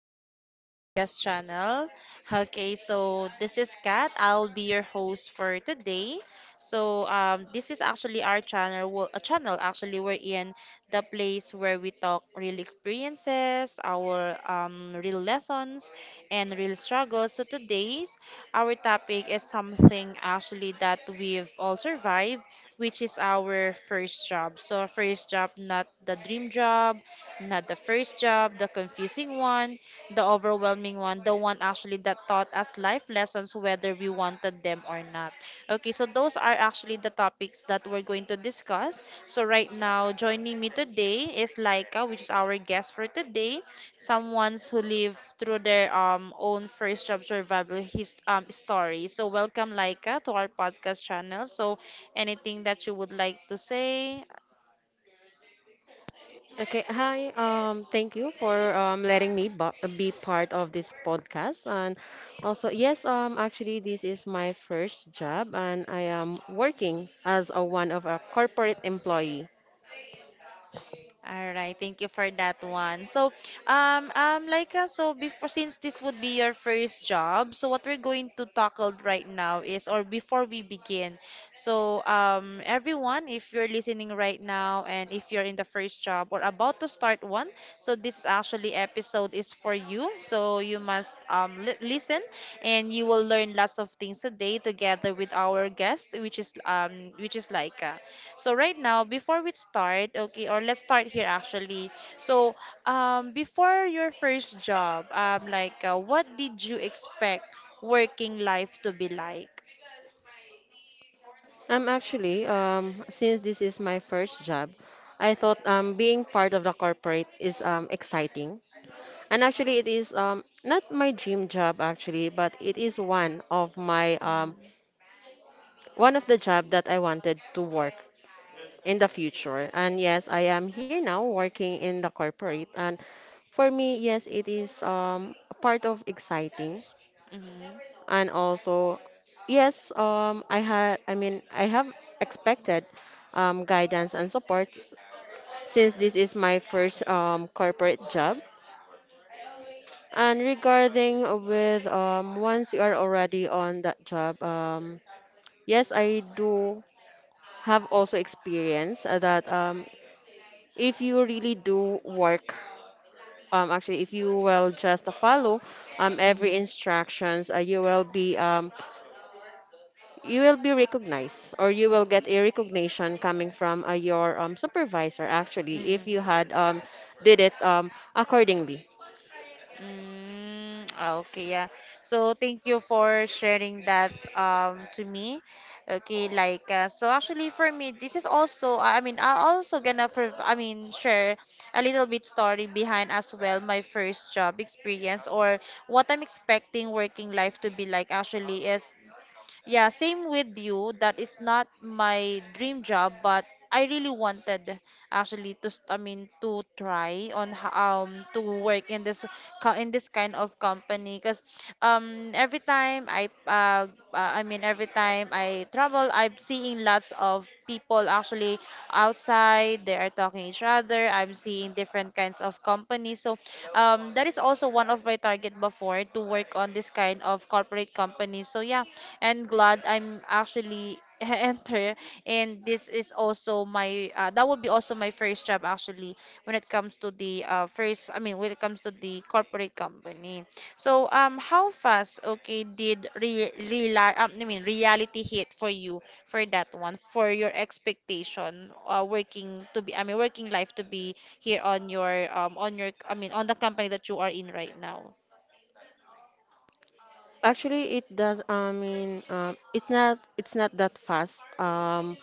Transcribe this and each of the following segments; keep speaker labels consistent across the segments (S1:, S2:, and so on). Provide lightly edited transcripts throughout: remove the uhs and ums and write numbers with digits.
S1: our podcast channel. Okay, so this is Kat. I'll be your host for today. This is actually our channel, well, a channel actually we're in the place where we talk real experiences, our real lessons, and real struggles. So today's our topic is something actually that we've all survived, which is our first job. So first job, not the dream job not the first job, the confusing one, the overwhelming one, the one actually that taught us life lessons whether we wanted them or not. Okay, so those are actually the topics that we're going to discuss. So right now, joining me today is Laika, which is our guest for today. Someone's who live through their own first job survival his story. So welcome Laika to our podcast channel. So anything that you would like to say.
S2: Okay, hi. Thank you for letting me be part of this podcast. And also, yes, actually, this is my first job, and I am working as a one of a corporate employee.
S1: All right, thank you for that one. So before, since this would be your first job, so what we're going to tackle right now is, or before we begin, everyone, if you're listening right now and if you're in the first job or about to start one, so this actually episode is for you. So you must li listen, and you will learn lots of things today together with our guest, which is Laika. So right now, before we start, okay, or let's start here actually. So before your first job, what did you expect working life to be like?
S2: I'm actually, since this is my first job, I thought being part of the corporate is exciting. And actually, it is not my dream job actually, but it is one of the job that I wanted to work in the future. And yes, I am here now working in the corporate. And for me, yes, it is a part of exciting,
S1: Mm-hmm.
S2: and also yes, I mean I have expected guidance and support since this is my first corporate job. And regarding with once you are already on that job, yes, I do have also experience that if you really do work, actually, if you will just follow every
S1: Mm-hmm.
S2: instructions, you will be recognized, or you will get a recognition coming from your supervisor. Actually, if
S1: Mm-hmm.
S2: you had, did it accordingly.
S1: Mm, ah, okay, yeah. So thank you for sharing that to me. Okay, so actually for me this is also I mean I also gonna for I mean share a little bit story behind as well my first job experience or what I'm expecting working life to be like actually is yeah, same with you. That is not my dream job, but I really wanted actually I mean to try on to work in this in this kind of company because every time I mean every time I travel I'm seeing lots of people actually outside they are talking each other. I'm seeing different kinds of companies, so that is also one of my target before to work on this kind of corporate companies, so yeah. And glad I'm actually enter and this is also my that would be also my first job actually when it comes to the first I mean when it comes to the corporate company. So how fast okay did re real I mean reality hit for you for that one for your expectation working to be I mean working life to be here on your I mean on the company that you are in right now.
S2: Actually, it does. I mean, it's not. It's not that fast. Um,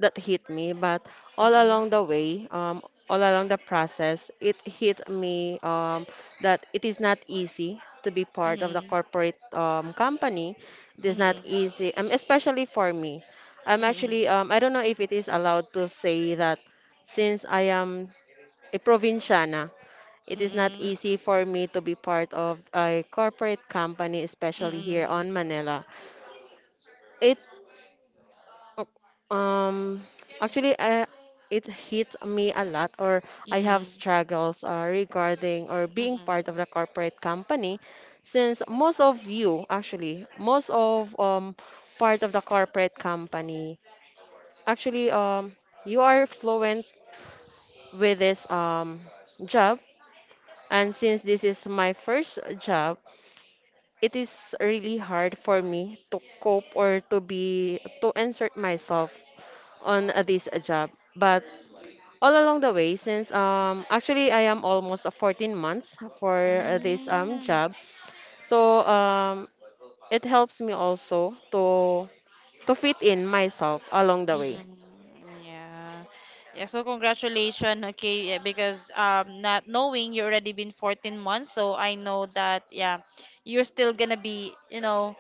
S2: that hit me, but all
S1: Mm-mm,
S2: along the way, um, all along the process, it hit me, that it is not easy to be part of the
S1: mm-mm,
S2: corporate company. It is not
S1: mm-mm,
S2: easy, especially for me. I'm
S1: mm-mm,
S2: actually, I don't know if it is allowed to say that, since I am a provinciana, it is not
S1: mm-mm,
S2: easy for me to be part of a corporate company,
S1: 嗯
S2: especially here on
S1: 嗯
S2: Manila. It Oh, Um, actually, it hit me a lot, or I have
S1: 嗯
S2: struggles, regarding or
S1: 嗯
S2: being
S1: 嗯
S2: part of the corporate company, since most of part of the corporate company, actually, you are fluent with this job, and since this is my first job, it is really hard for me to cope, or to insert myself on this job. But all along the way, since actually I am almost 14 months for
S1: 嗯
S2: this
S1: 嗯。
S2: job. So it helps me also to fit in myself along the way.
S1: Mm-mm, yeah. Yeah, so congratulations, okay, yeah, because not knowing you already been 14 months, so I know that yeah, you're still gonna be,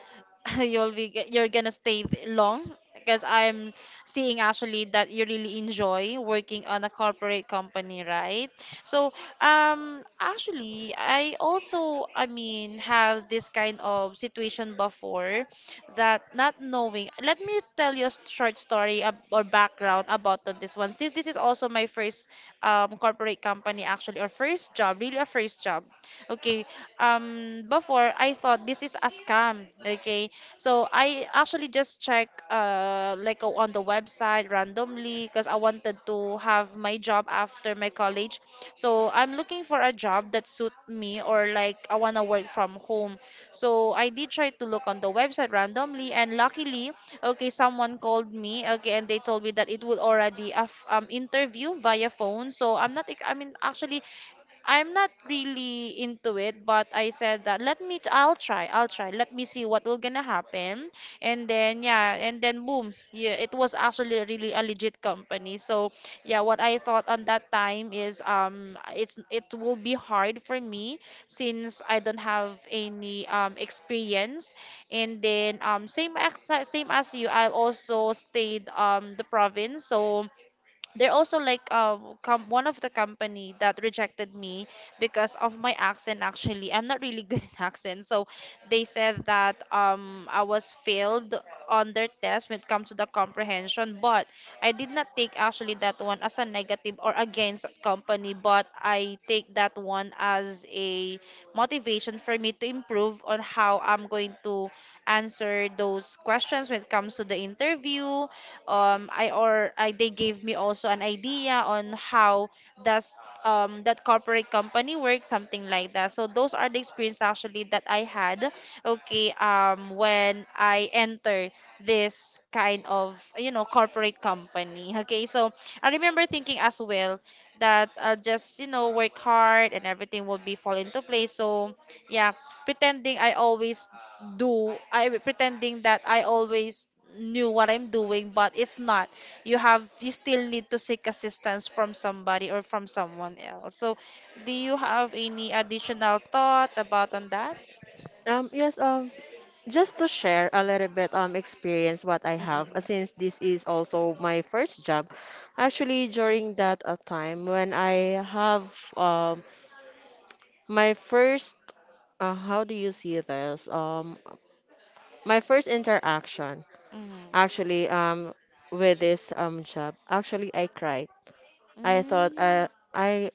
S1: you're gonna stay long because I'm seeing actually that you really enjoy working on a corporate company, right? So, actually I also I mean have this kind of situation before that not knowing. Let me tell you short story or background about on this one. Since this is also my first corporate company actually, or first job, really a first job. Okay. Before I thought this is a scam. Okay. So I actually just check on the website randomly because I wanted to have my job after my college. So I'm looking for a job that suit me or like I wanna work from home. So I did try to look on the website randomly, and luckily, okay, someone called me, okay, and they told me that it will already have interview via phone. So I'm not, I mean, actually, I'm not really into it, but I said that let me I'll try, I'll try. Let me see what will gonna happen. And then yeah, and then boom. Yeah, it was actually really a legit company. So yeah, what I thought on that time is it will be hard for me since I don't have any experience. And then same as you, I also stayed the province. So they're also like com one of the company that rejected me because of my accent actually. I'm not really good in accent. So they said that I was failed on their test when it comes to the comprehension, but I did not take actually that one as a negative or against that company, but I take that one as a motivation for me to improve on how I'm going to answer those questions when it comes to the interview. I or I They gave me also an idea on how does that corporate company work, something like that. So those are the experience actually that I had, okay, when I enter this kind of, you know, corporate company. Okay, so I remember thinking as well that I'll just, you know, work hard and everything will be fall into place. So yeah, pretending I always pretending that I always knew what I'm doing, but it's not. You still need to seek assistance from somebody or from someone else. So, do you have any additional thought about on that?
S2: Yes, just to share a little bit experience what I have,
S1: Mm-mm.
S2: since this is also my first job. Actually, during that time when I have my first, how do you see this, my first interaction,
S1: Mm-mm.
S2: actually, with this job, actually, I cried. i thought uh, I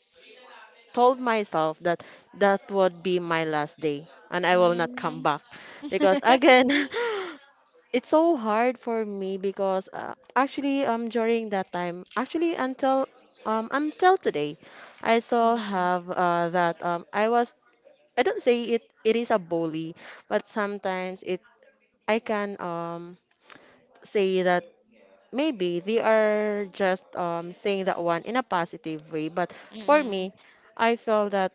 S2: told myself that that would be my last day and I will not come
S1: Mm-mm. Mm-mm.
S2: back, because again. It's so hard for me, because actually, during that time, actually, until today I still have, that, I don't say it is a bully, but sometimes it I can say that maybe they are just, saying that one in a positive way. But for
S1: Mm-mm.
S2: me, I felt that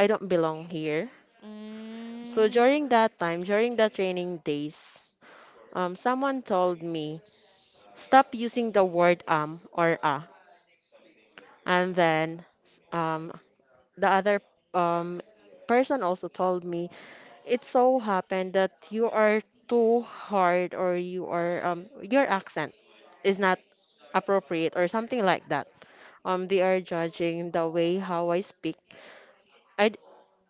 S2: I don't belong here.
S1: Mm-mm.
S2: So during that time, during the training days, someone told me, stop using the word or ah. And then, um, the other, um, person also told me, it so happened that you are too hard, or you are, your accent is not appropriate or something like that. They are judging the way how I speak. I d-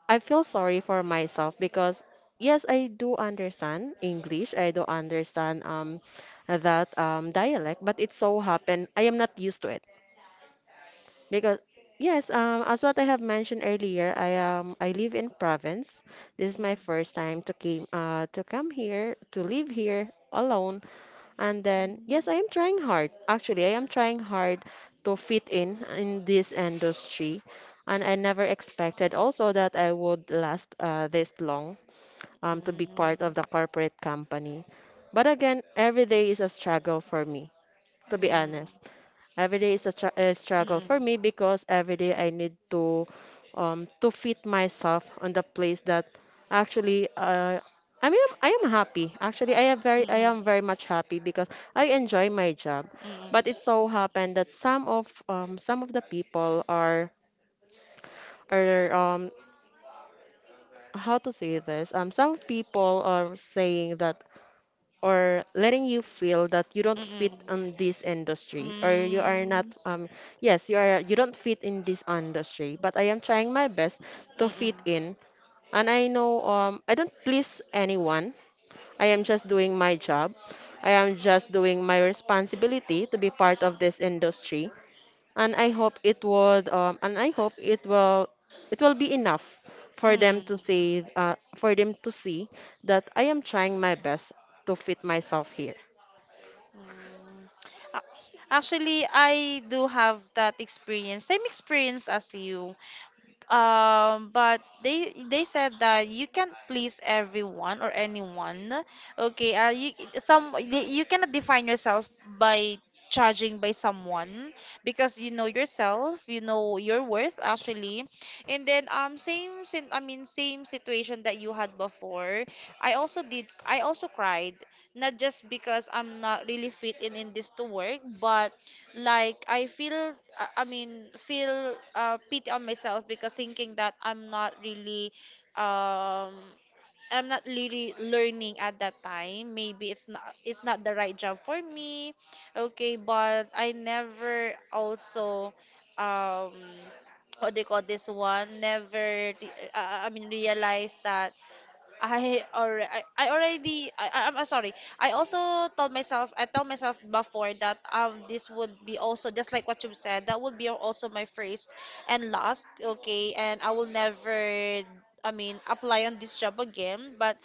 S2: I feel sorry for myself, because yes, I do understand English. I do understand that dialect, but it so happened I am not used to it, because yes, as what I have mentioned earlier, I live in province. This is my first time to come here to live here alone, and then, yes, I am trying hard. Actually, I am trying hard to fit in this industry. And I never expected also that I would last, this long, to be part of the corporate company. But again, every day is a struggle for me, to be honest. Every day is a struggle for me, because every day I need to fit myself on the place that, actually, I mean I am happy. Actually,
S1: Mm-mm. Mm-mm. Mm-mm. Mm-mm. Mm-mm. Mm-mm.
S2: I am very much happy because I enjoy my job. But it so happened that some of the people are how to say this, some people are saying that, or letting you feel that you
S1: Mm
S2: don't
S1: mm mm mm mm mm
S2: fit
S1: mm mm mm mm mm
S2: in this
S1: mm
S2: industry or you are not,
S1: mm
S2: yes, you are, you don't fit in this industry, but I am trying my best to
S1: Mm-mm.
S2: fit in. And I know, I don't please anyone. I am just doing my job. I am just doing my responsibility to be part of this industry. And I hope it will be enough
S1: Mm. Mm.
S2: for them to see that I am trying my best to fit myself here.
S1: A- Actually, I do have that experience, same experience as you. But they said that you can't please everyone or anyone. Okay, you cannot define yourself by judging by someone because you know yourself, you know your worth actually. And then same sin I mean same situation that you had before. I also cried not just because I'm not really fit in this to work, but like I feel I mean feel pity on myself because thinking that um I'm not really learning at that time. Maybe it's not the right job for me. Okay, but I never also um what they call this one never re- I mean realize that I or I, I already I- I'm sorry. I also I told myself before that this would be also just like what you said that would be also my first and last, okay, and I will never I mean apply on this job again. But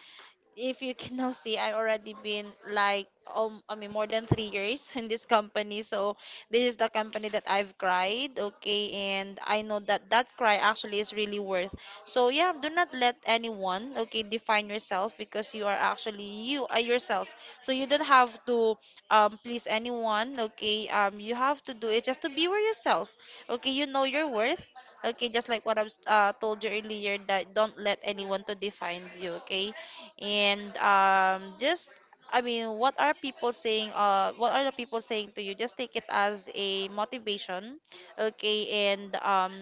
S1: if you can now see, I already been like I mean more than 3 years in this company. So this is the company that I've cried, okay, and I know that that cry actually is really worth. So yeah, do not let anyone, okay, define yourself because you are actually you are yourself. So you don't have to please anyone, okay. You have to do it just to be with yourself, okay. You know your worth. Okay, just like what I've told you earlier, that don't let anyone to define you, okay? and just I mean, what are people saying? What are the people saying to you? Just take it as a motivation, okay, and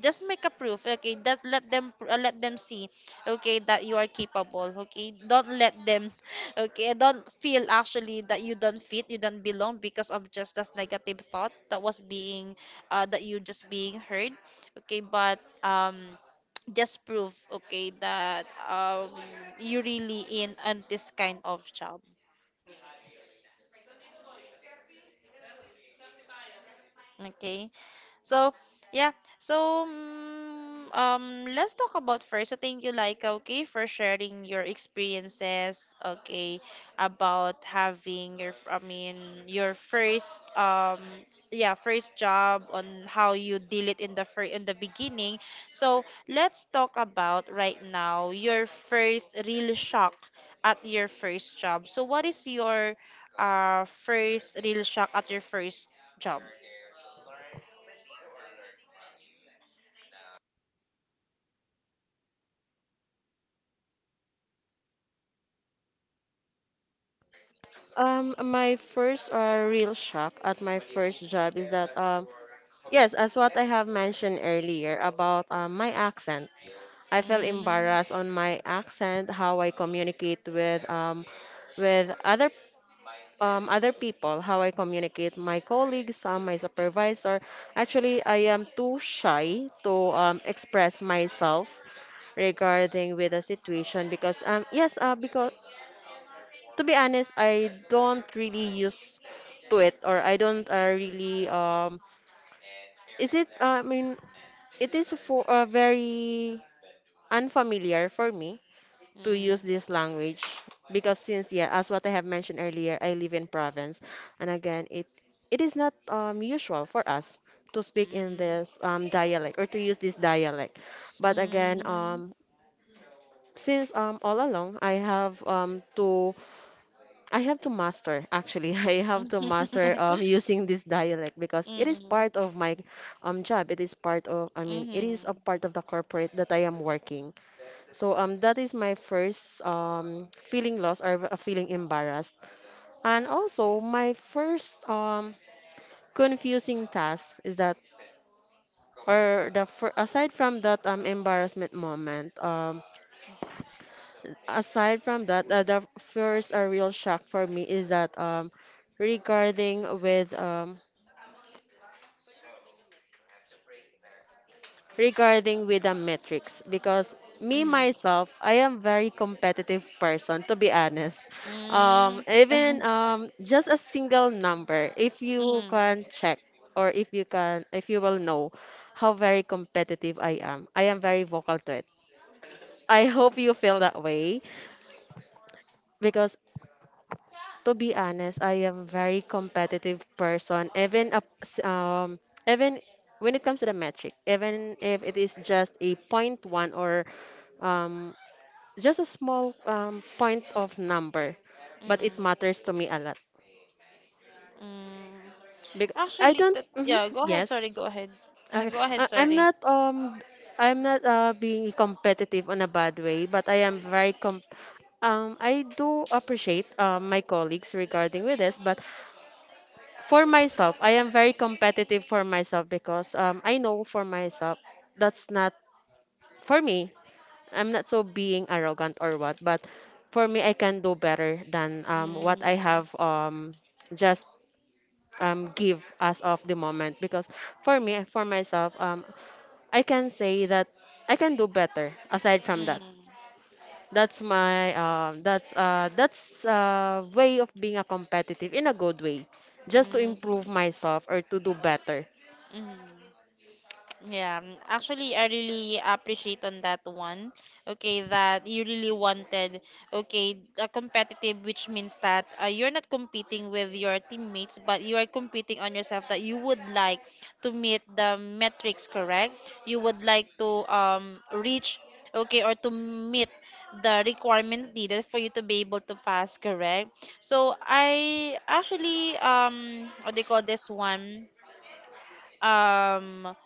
S1: just make a proof, okay. That let them see, okay, that you are capable, okay. Don't let them, okay. Don't feel actually that you don't fit, you don't belong because of just this negative thought that was being, that you just being heard, okay. But just prove okay that um you really in on this kind of job, okay. So, yeah. So, let's talk about first. So, thank you, Laika, okay, for sharing your experiences, okay, about having your, I mean, your first, yeah, first job on how you deal it in the fir in the beginning. So, let's talk about right now your first real shock at your first job. So, what is your first real shock at your first job?
S2: My first, real shock at my first job is that, yes, as what I have mentioned earlier about, my accent, I felt
S1: Mm.
S2: embarrassed on my accent, how I communicate with, with other other people, how I communicate my colleagues, my supervisor. Actually, I am too shy to, express myself regarding with the situation, because because to be honest, I don't really use to it, or I don't, really, is it I mean it is for very unfamiliar for me, to use
S1: Mm,
S2: this language because since yeah, as what I have mentioned earlier, I live in province, and again it is not, usual for us to speak
S1: mm,
S2: in
S1: mm,
S2: this, dialect, or to use this dialect. But again,
S1: mm.
S2: since, all along, I have to master, actually. I have to master using this dialect because it is
S1: Mm,
S2: part of my job. It is part of, I mean it is a
S1: mhm,
S2: part of the corporate that I am working. So that is my first feeling lost, or feeling embarrassed. And also my first confusing task is, that or the fir- aside from that, embarrassment moment, aside from that, the first, real shock for me is that, regarding with um, regarding with the metrics, because me
S1: mhm,
S2: myself, I am very competitive person, to be honest. Um,
S1: mm,
S2: even um, just a single number, if you
S1: mm,
S2: can check, or if you will know how very competitive I am very vocal to it. I hope you feel that way, because to be honest, I am very competitive person. Even when it comes to the metric, even if it is just a point one, or um, just a small, point of number, but it
S1: mm,
S2: matters to me a lot.
S1: mm.
S2: Because I
S1: Actually,
S2: don't.
S1: that,
S2: Mhm,
S1: yeah, go ahead,
S2: yes.
S1: sorry, go ahead.
S2: Okay.
S1: Go ahead,
S2: I'm
S1: sorry.
S2: not. I'm not, being competitive on a bad way, but I am very com. I do appreciate, my colleagues regarding with this, but for myself, I am very competitive for myself, because I know for myself, that's not for me. I'm not so being arrogant or what, but for me, I can do better than, what I
S1: Mm,
S2: have, just, give as of the moment. Because for me, for myself, I can say that I can do better aside from that.
S1: mm,
S2: That's my that's way of being a competitive in a good way, just to improve
S1: mm,
S2: myself or to do better.
S1: mm. Yeah, actually, I really appreciate on that one. Okay, that you really wanted, okay, a competitive, which means that you're not competing with your teammates, but you are competing on yourself that you would like to meet the metrics, correct? You would like to reach, okay, or to meet the requirements needed for you to be able to pass, correct? So I actually what do you call this one? um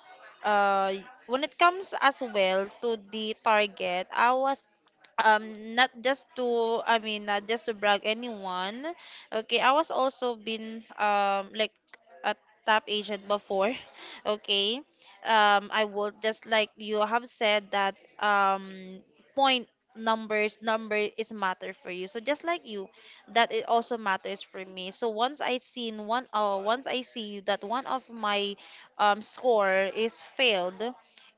S1: uh when it comes as well to the target, I was not just to, I mean, not just to brag anyone. Okay, I was also been like a top agent before. Okay, I will, just like you have said, that point numbers, number is matter for you, so just like you, that it also matters for me. So once I seen one once I see that one of my score is failed,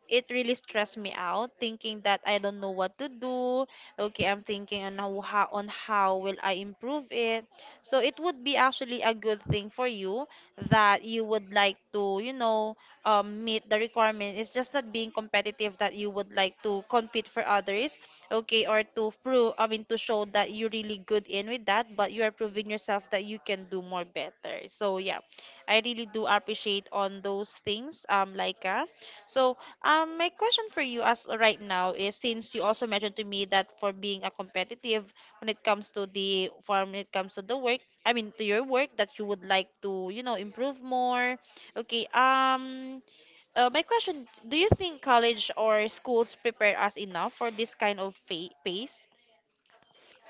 S1: it really stressed me out thinking that I don't know what to do. Okay, I'm thinking on how will I improve it. So it would be actually a good thing for you that you would like to, meet the requirement. It's just not being competitive that you would like to compete for others, okay, or to prove, I mean, to show that you're really good in with that, but you are proving yourself that you can do more better. So yeah, I really do appreciate on those things, Laika. So my question for you as right now is, since you also mentioned to me that for being a competitive when it comes to the work, I mean to your work, that you would like to, improve more. Okay, my question, do you think college or schools prepare us enough for this kind of fa pace?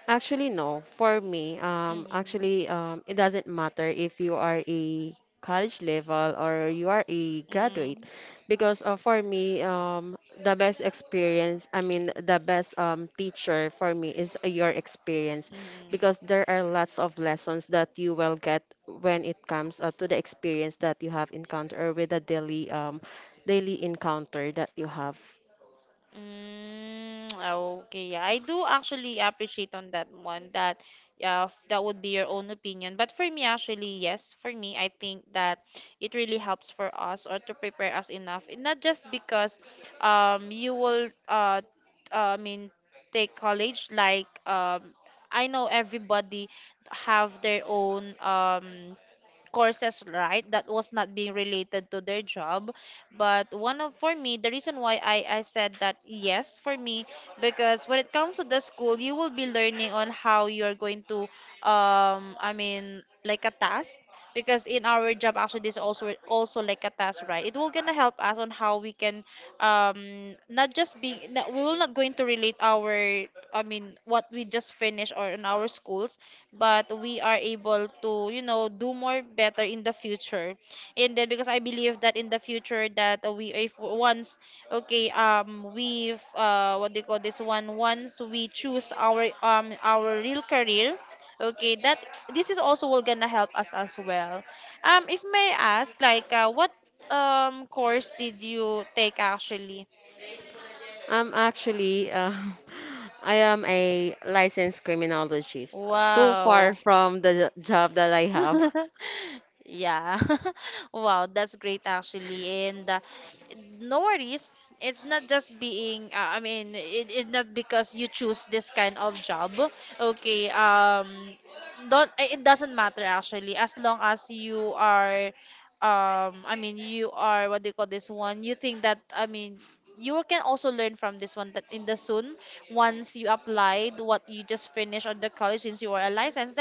S2: Actually, no. For me,
S1: Mm-hmm.
S2: actually, it doesn't matter if you are a college level or you are a
S1: Mm-hmm.
S2: graduate, because for me, the best experience, I mean, the best, teacher for me is your experience, because
S1: Mm-hmm.
S2: there are lots of lessons that you will get when it comes, to the experience that you have encountered, or with the daily, daily encounter that you have.
S1: Mm, okay. Yeah, I do actually appreciate on that one that yeah, that would be your own opinion. But for me actually, yes, for me I think that it really helps for us or to prepare us enough. And not just because you will I mean take college like I know everybody have their own courses, right, that was not being related to their job. But one of, for me, the reason why I said that yes for me, because when it comes to the school you will be learning on how you're going to I mean like a task. Because in our job actually this also like a task, right, it will gonna help us on how we can not just be not, we will not going to relate our, I mean, what we just finished or in our schools, but we are able to, do more better in the future. And then, because I believe that in the future that we, if once, okay, we what do you call this one once we choose our real career, okay, that this is also will gonna help us as well. If may I ask, like, what course did you take actually?
S2: Actually, I am a licensed criminologist. Too far
S1: Wow.
S2: from the job that I have.
S1: Yeah. Wow, that's great actually. And no worries. It's not just being I mean, it's not because you choose this kind of job. Okay, don't it doesn't matter actually, as long as you are I mean, you are, what do you call this one? You think that, I mean, you can also learn from this one, that in the soon once you applied what you just finished on the college, since you are a licensed,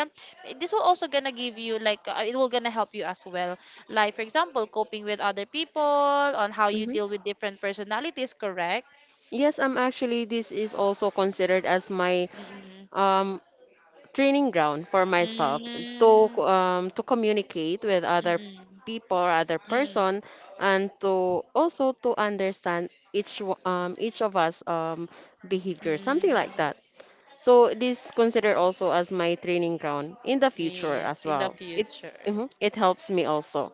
S1: this will also gonna give you like it will gonna help you as well, like for example coping with other people on how you
S2: Hmm,
S1: deal with different personalities, correct?
S2: yes, I'm actually, this is also considered as my,
S1: Mm-mm.
S2: um, training ground for myself
S1: Mm-mm.
S2: to communicate with other
S1: Mm-mm.
S2: people, other
S1: Mm-mm.
S2: person, and to also to understand each of us, behavior, something like
S1: Mm-mm.
S2: that. So this considered also as my training ground in the future
S1: Yes,
S2: as
S1: in the
S2: well. It
S1: future.
S2: mhm, it helps me also.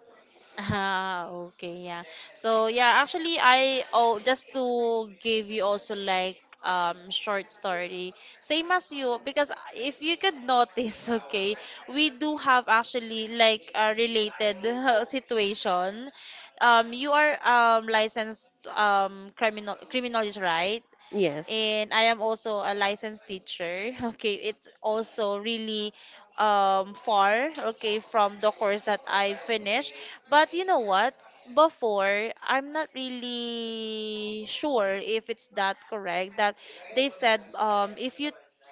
S1: Ah, okay, yeah. So yeah, actually I oh just to give you also like short story, same as you, because if you could notice, okay, we do have actually like a related situation. You are licensed criminal criminologist, right?
S2: Yes.
S1: And I am also a licensed teacher. Okay, it's also really far, okay, from the course that I finished. But you know what? Before, I'm not really sure if it's that correct that they said if you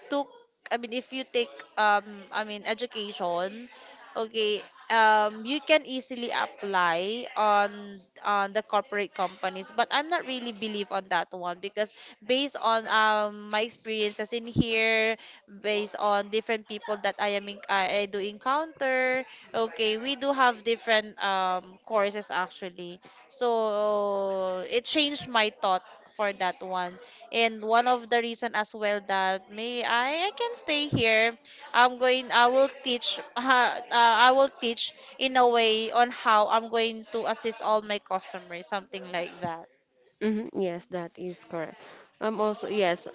S1: took, I mean, if you take I mean education. Okay, you can easily apply on the corporate companies, but I'm not really believe on that one because based on my experiences in here, based on different people that I am in, I do encounter. Okay, we do have different courses actually, so it changed my thought for that one, and one of the reason as well that may I can stay here. I will teach in a way on how I'm going to assist all my customers, something like that.
S2: Hmm, yes, that is correct. Also, yes,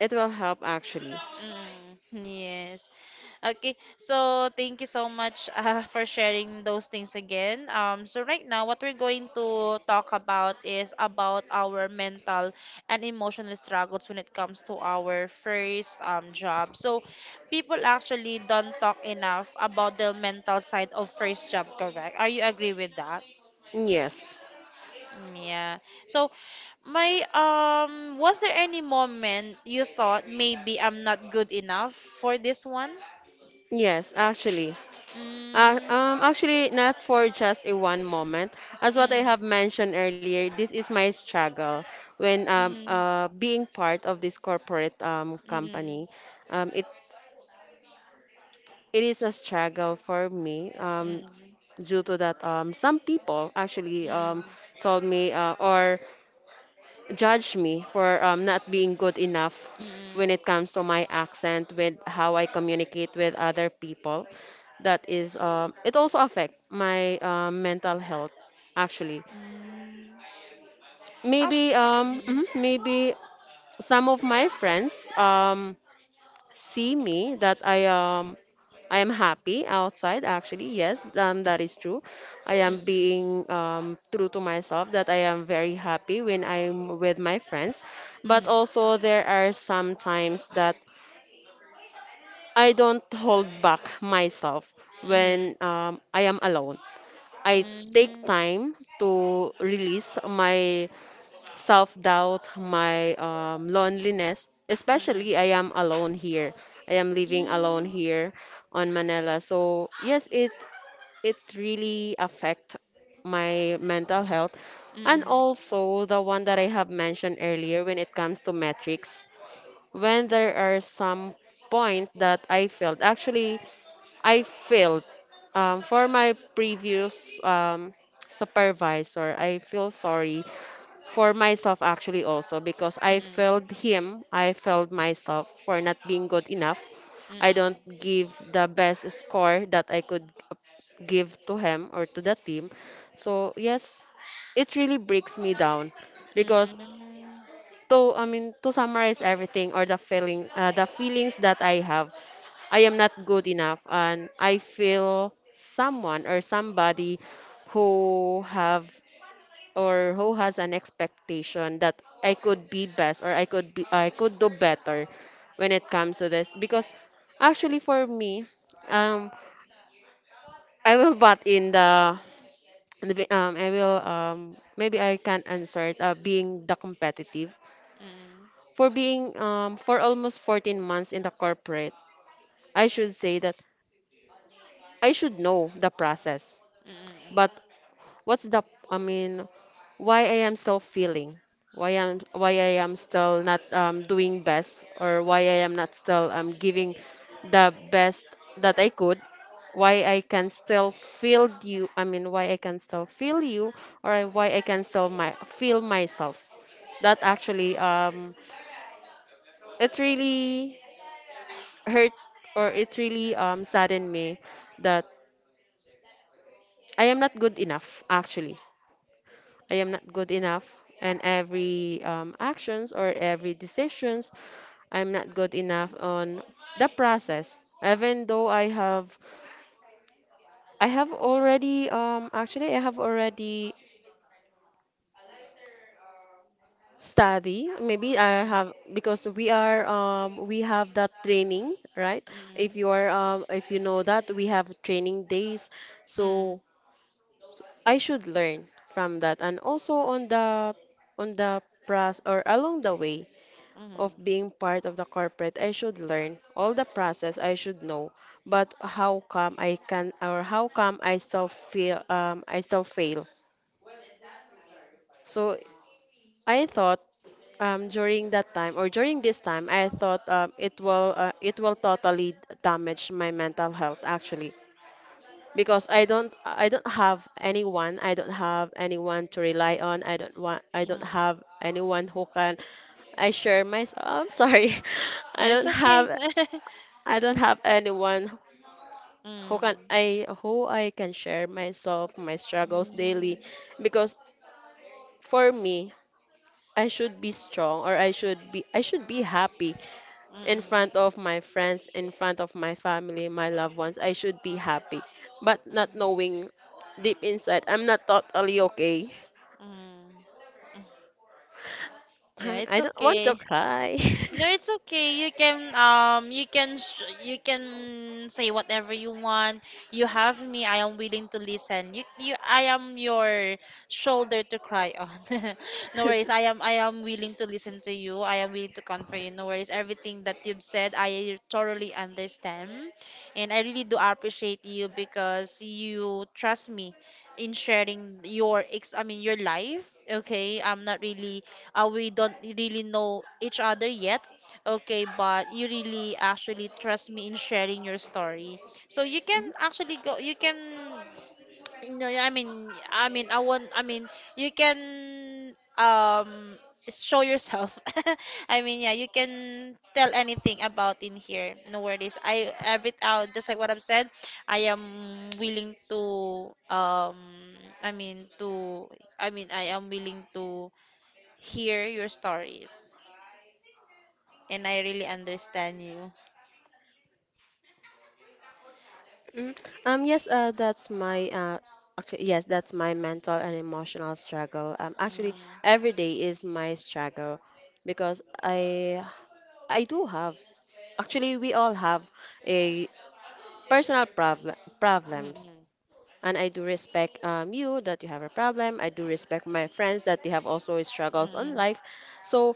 S2: it will help actually.
S1: Mm, yes. Okay. So thank you so much for sharing those things again. So right now, what we're going to talk about is about our mental and emotional struggles when it comes to our first job. So people actually don't talk enough about the mental side of first job, correct? Are you agree with that?
S2: Yes.
S1: Mm, yeah. So my was there any moment you thought maybe I'm not good enough for this one?
S2: Yes, actually.
S1: Mm,
S2: Actually not for just a one moment. As what I
S1: mm,
S2: have mentioned earlier, this is my struggle when
S1: mm,
S2: being part of this corporate
S1: mm,
S2: company. Um it it is a struggle for me.
S1: mm,
S2: Due to that, some people actually
S1: mm,
S2: told me, or judged me for not being good enough
S1: mm,
S2: when it comes to my accent, with how I communicate with other people. That is, it also affect my mental health, actually.
S1: mm. Actu-
S2: maybe um
S1: mm,
S2: mhm, maybe some of my friends see me that I am happy outside, actually. Yes, that is true. I am being true to myself, that I am very happy when I'm with my friends.
S1: mm,
S2: But
S1: mm,
S2: also there are some times that I don't hold back myself
S1: mm, mm,
S2: when
S1: mm,
S2: I am alone. I
S1: mm,
S2: take
S1: mm,
S2: time to release my self-doubt, my loneliness. Especially, I am alone here. I am
S1: mm, mm,
S2: living
S1: mm, mm,
S2: alone
S1: mm, mm,
S2: here on Manila. So yes, it really affect my mental health, and also the one that I have mentioned earlier when it comes to metrics. When there are some point that I failed, actually I failed, for my previous, supervisor. I feel sorry for myself actually, also because I failed him, I failed myself for not being good enough. I don't give the best score that I could give to him or to the team. So yes, it really breaks me down because, to I mean, to summarize everything, or the feeling, the feelings that I have, I am not good enough, and I feel someone or somebody who have, or who has, an expectation that I could be best, or I could do better when it comes to this, because actually for me, um I will butt in the I will maybe I can answer it, being the competitive, for being for almost 14 months in the corporate. I should say that I should know the process, but what's the I mean, why I am still feeling, why I am still not, doing best, or why I am not still, giving the best that I could, why I can still feel you, I mean why I can still feel you, why I can still my feel myself, that actually, it really hurt, or it really, saddened me, that I am not good enough, actually. I am not good enough. And every, actions, or every decisions, I'm not good enough on the process. Even though I have already, actually, I have already study. Maybe I
S1: mm,
S2: have, because we have that training, right? If you
S1: mm,
S2: are, um, if you know that we have training days,
S1: mm,
S2: so I should learn from that. And also on the process, or along the way
S1: mm, mm.
S2: of being part of the corporate, I should learn all the process I should know, but how come I can, or how come I still feel, I still fail? So I thought, during that time or during this time, I thought, it will totally damage my mental health, actually, because I don't have anyone, I don't have anyone to rely on, I don't
S1: Mm.
S2: have anyone who can I share myself. I'm sorry. I
S1: It's
S2: don't
S1: okay.
S2: have I don't have anyone who can
S1: Mm.
S2: I, who I can share myself, my struggles daily,
S1: Mm.
S2: because for me, I should be strong, or I should be happy in front
S1: Mm.
S2: of my friends, in front of my family, my loved ones. I should be happy, but not
S1: Mm.
S2: knowing deep inside I'm not totally okay.
S1: Mm. Mm. Yeah, it's
S2: I don't want to
S1: okay.
S2: cry.
S1: No, it's okay. You can you can you can say whatever you want. You have me. I am willing to listen. You I am your shoulder to cry on. No worries. I am willing to listen to you. I am willing to comfort you. No worries. Everything that you've said, I thoroughly understand. And I really do appreciate you because you trust me in sharing your ex I mean your life. Okay? I'm not really, we don't really know each other yet. Okay, but you really actually trust me in sharing your story. So you can actually go, you can, no. I mean, I want, I mean, you can um show yourself. I mean, yeah, you can tell anything about in here. No worries. I every out just like what I've said. I am willing to I mean to, I mean I am willing to hear your stories, and I really understand you.
S2: Mm. Yes, that's my actually, yes, that's my mental and emotional struggle. Actually,
S1: Mm,
S2: every day is my struggle, because I do have, actually we all have, a personal problems,
S1: mm,
S2: and I do respect, you, that you have a problem. I do respect my friends, that they have also struggles on
S1: mm,
S2: life. So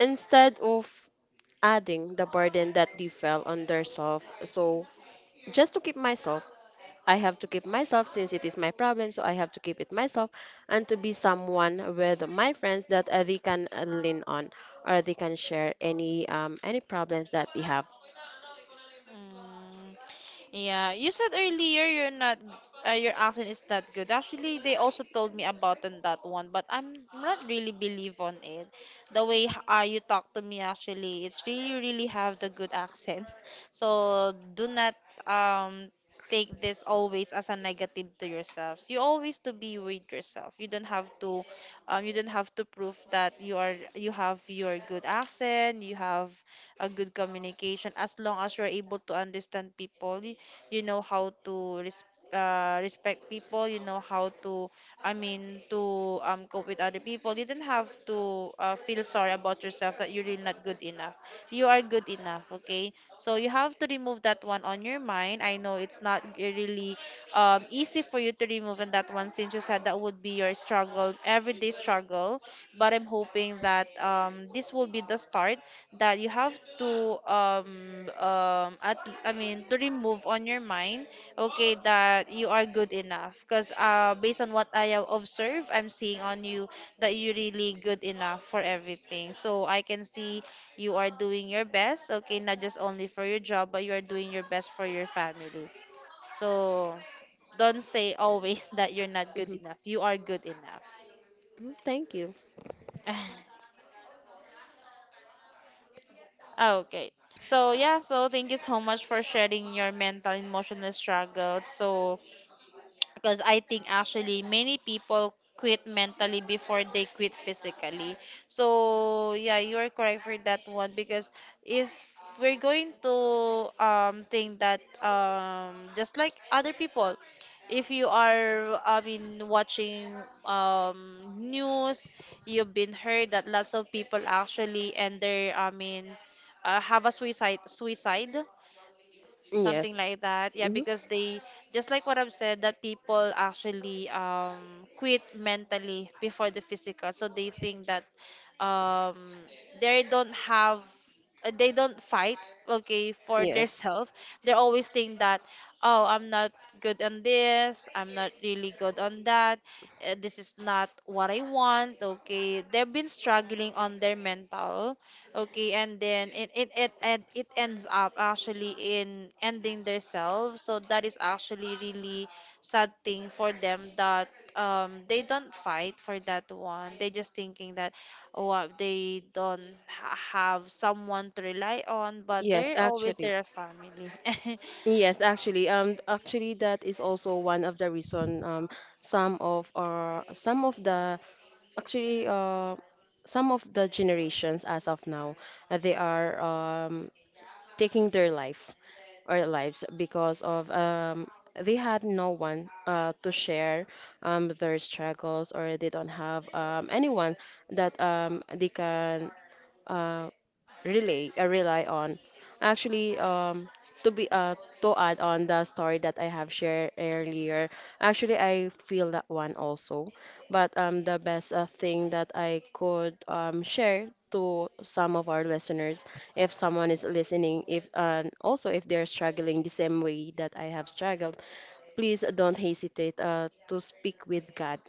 S2: instead of adding the burden that they fell on their self, so just to keep myself. I have to keep myself, since it is my problem, so I have to keep it myself, and to be someone with my friends that, they can, lean on, or they can share any problems that they have.
S1: mm. Yeah, you said earlier you're not, your accent is that good. Actually, they also told me about on that one, but I'm not really believe on it. The way you talk to me actually, it's really really have the good accent. So do not um take this always as a negative to yourselves. You always to be with yourself. You don't have to prove that you are, you have your good accent, you have a good communication, as long as you're able to understand people, you know how to respect people, you know how to, I mean, to cope with other people. You don't have to feel sorry about yourself that you're really not good enough. You are good enough, okay, so you have to remove that one on your mind. I know it's not really easy for you to remove and that one, since you said that would be your struggle, everyday struggle. But I'm hoping that this will be the start that you have to at I mean to remove on your mind, okay, that you are good enough, because based on what I have observed, I'm seeing on you that you're really good enough for everything, so I can see you are doing your best. Okay, not just only for your job, but you are doing your best for your family, so don't say always that you're not good
S2: Hmm.
S1: enough. You are good enough.
S2: Thank you.
S1: Ah, okay. So yeah, so thank you so much for sharing your mental and emotional struggles. So because I think actually many people quit mentally before they quit physically. So yeah, you are correct for that one because if we're going to think that just like other people, if you are, I mean, watching news, you've been heard that lots of people actually and they, I mean, have a suicide, something
S2: Yes.
S1: like that, yeah,
S2: Hmm.
S1: because they, just like what I've said, that people actually quit mentally before the physical. So they think that um they don't have, they don't fight, okay, for their
S2: Yes.
S1: self. They always think that, oh, I'm not good on this, I'm not really good on that, this is not what I want. Okay, they've been struggling on their mental. Okay, and then it ends up actually in ending themselves. So that is actually really sad thing for them that they don't fight for that one. They just thinking that oh they don't ha have someone to rely on, but
S2: Yes,
S1: they're always
S2: actually.
S1: their family.
S2: Yes, actually, actually, that is also one of the reason. Some of our, some of the, Actually, some of the generations as of now, they are taking their life our lives, because of, they had no one, to share, their struggles, or they don't have, anyone that, they can, uh, rely on. Actually, to be uh, to add on the story that I have shared earlier, actually I feel that one also. But, the best, thing that I could, share to some of our listeners, if someone is listening, if and also if they're struggling the same way that I have struggled, please don't hesitate, to speak with God.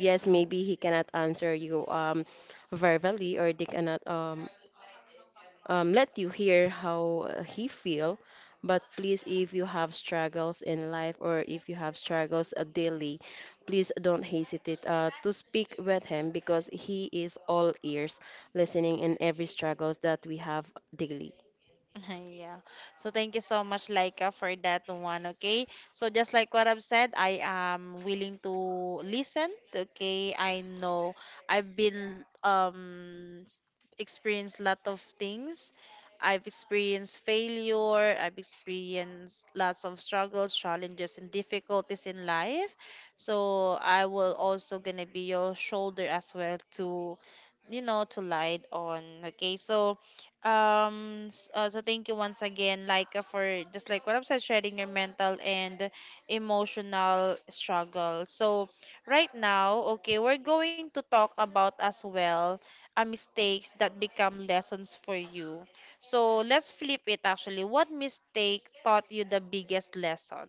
S2: Yes, maybe
S1: Mm.
S2: He cannot answer you, verbally, or they cannot, let you hear how, he feel. But please, if you have struggles in life, or if you have struggles, daily, please don't hesitate, to speak with him, because he is all ears, listening in every struggles that we have daily.
S1: Yeah. So thank you so much, Laika, for that one. Okay. So just like what I've said, I am willing to listen. Okay. I know I've been experienced lot of things. I've experienced failure. I've experienced lots of struggles, challenges, and difficulties in life. So I will also gonna be your shoulder as well to light on. Okay. So thank you once again, like for just like what I've said, sharing your mental and emotional struggle. So right now, okay, we're going to talk about as well mistakes that become lessons for you. So let's flip it actually. What mistake taught you the biggest lesson?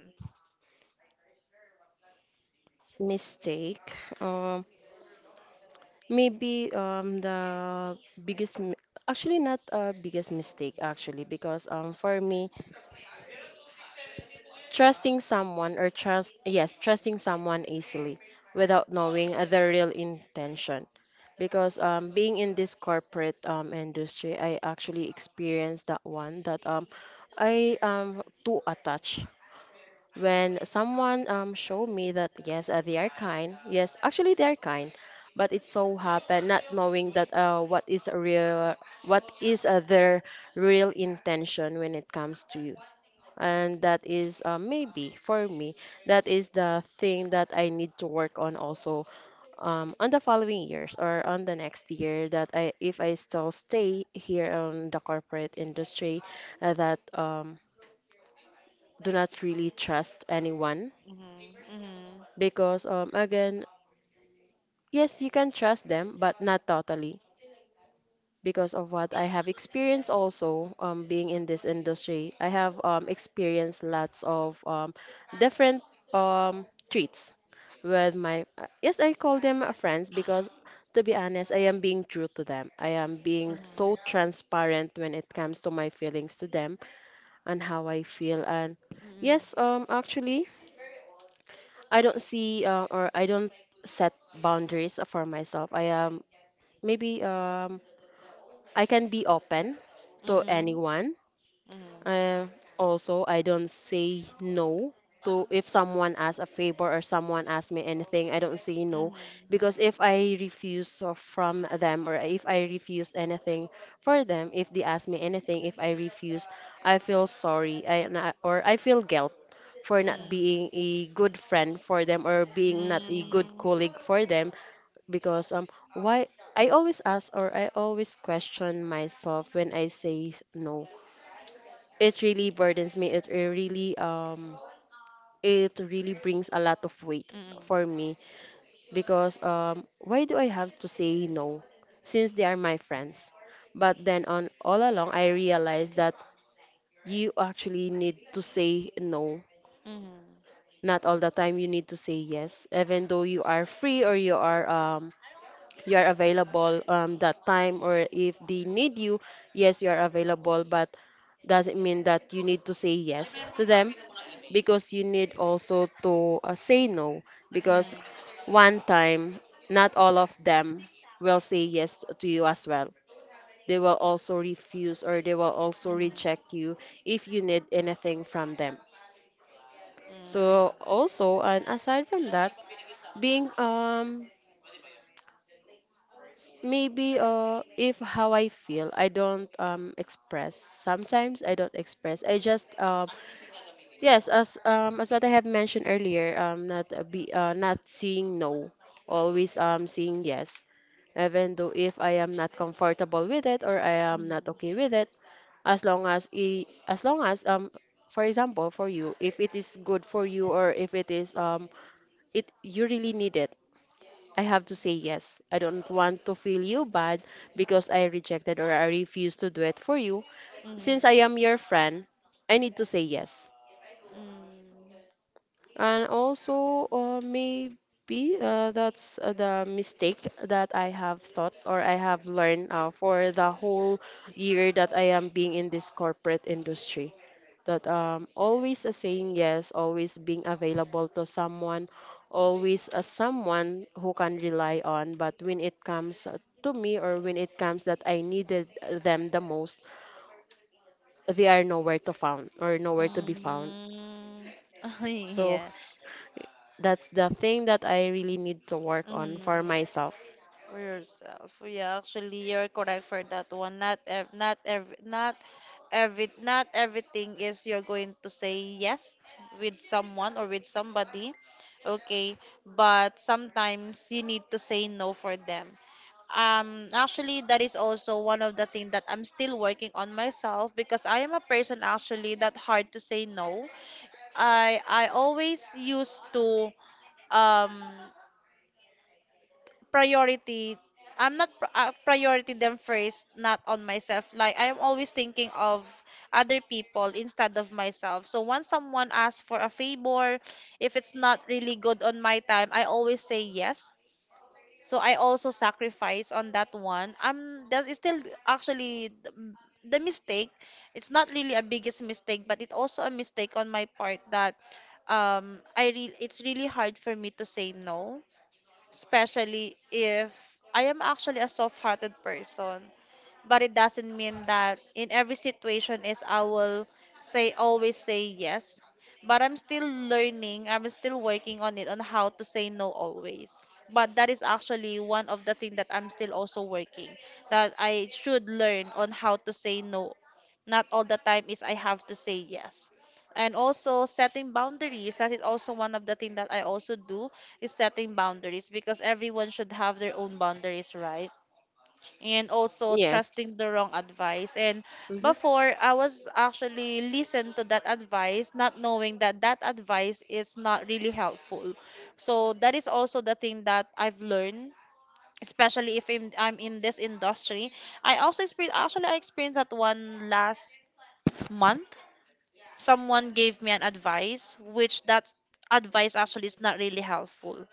S2: Mistake. Um, maybe, the biggest, mi- actually not a biggest mistake, actually, because, for me. Trusting someone, or yes, trusting someone easily, without knowing their real intention. Because, being in this corporate, industry, I actually experienced that one, that, I am too attached. When someone, showed me that, yes, they are kind — yes, actually they are kind — but it so happened, not knowing that, what is real, what is, their real intention when it comes to you, and that is, maybe for me, that is the thing that I need to work on also, on the following years, or on the next year, that, I if I still stay here on the corporate industry, that, do not really trust anyone,
S1: Mm-hmm, mm-hmm,
S2: because, again, yes, you can trust them, but not totally, because of what I have experienced also, being in this industry, I have, experienced lots of, different, um, treats with my, yes, I call them, friends, because to be honest, I am being true to them, I am being so
S1: mm-hmm,
S2: transparent when it comes to my feelings to them, and how I feel. And yes, actually, I don't see or I don't set boundaries for myself. I am maybe um i can be open
S1: mm-hmm,
S2: to
S1: mm-hmm,
S2: anyone. Uh, Also, I don't say no, to if someone asks a favor, or someone asks me anything, I don't say no,
S1: mm-hmm,
S2: because if I refuse from them, or if I refuse anything for them, if they ask me anything, if I refuse, I feel sorry, or I feel guilt, for not being a good friend for them, or
S1: mm-hmm,
S2: being not a good
S1: mm-hmm,
S2: colleague for them, because, why I always ask, or I always question myself when I say no, it really burdens me. It really brings a lot of weight
S1: mm-hmm.
S2: for me, because, why do I have to say no, since they are my friends? But then on all along, I realized that you actually need to say no.
S1: Mm-hmm.
S2: Not all the time you need to say yes, even though you are free or you are available, that time, or if they need you. Yes, you are available, but doesn't mean that you need to say yes to them, because you need also to, say no. Because
S1: Mhm.
S2: one time, not all of them will say yes to you as well. They will also refuse, or they will also
S1: Mhm.
S2: reject you, if you need anything from them.
S1: Hmm.
S2: So also, and aside from that, being Maybe if how I feel, I don't express. Sometimes I don't express. I just, yes, as what I have mentioned earlier, not be not seeing no, always seeing yes, even though if I am not comfortable with it, or I am not
S1: Mhm.
S2: okay with it, as long as for example for you, if it is good for you, or if it is, it, you really need it, I have to say yes. I don't want to feel you bad because I rejected, or I refused, to do it for you.
S1: Mhm.
S2: Since I
S1: Hmm.
S2: am your friend, I need to say yes. And also, maybe that's the mistake that I have thought or I have learned for the whole year that I am being in this corporate industry, that always a saying yes, always being available to someone, always a someone who can rely on. But when it comes to me, or when it comes that I needed them the most, they are nowhere to found or nowhere to be found.
S1: Mm.
S2: So
S1: Yeah.
S2: that's the thing that I really need to work on
S1: Mm.
S2: for myself.
S1: For yourself. Yeah, actually you're correct for that one. Not ev not every not every not everything is you're going to say yes with someone or with somebody. Okay, but sometimes you need to say no for them. Actually, that is also one of the things that I'm still working on myself because I am a person actually that hard to say no. I always used to um priority. I'm not priority them first, not on myself. Like I am always thinking of other people instead of myself. So once someone asks for a favor, if it's not really good on my time, I always say yes so I also sacrifice on that one. That is still actually the mistake. It's not really a biggest mistake, but it's also a mistake on my part that I re it's really hard for me to say no, especially if I am actually a soft-hearted person but it doesn't mean that in every situation is I will say always say yes. But I'm still learning, I'm still working on it on how to say no always. But that is actually one of the thing that I'm still also working that I should learn on how to say no. Not all the time is I have to say yes. And also setting boundaries. That is also one of the thing that I also do is setting boundaries because everyone should have their own boundaries, right? And also
S2: Yes.
S1: trusting the wrong advice. And
S2: Hmm.
S1: before, I was actually listened to that advice, not knowing that that advice is not really helpful. So that is also the thing that I've learned. Especially if I'm in this industry, I also experienced actually I experienced that one last month. Someone gave me an advice, which that advice actually is not really helpful.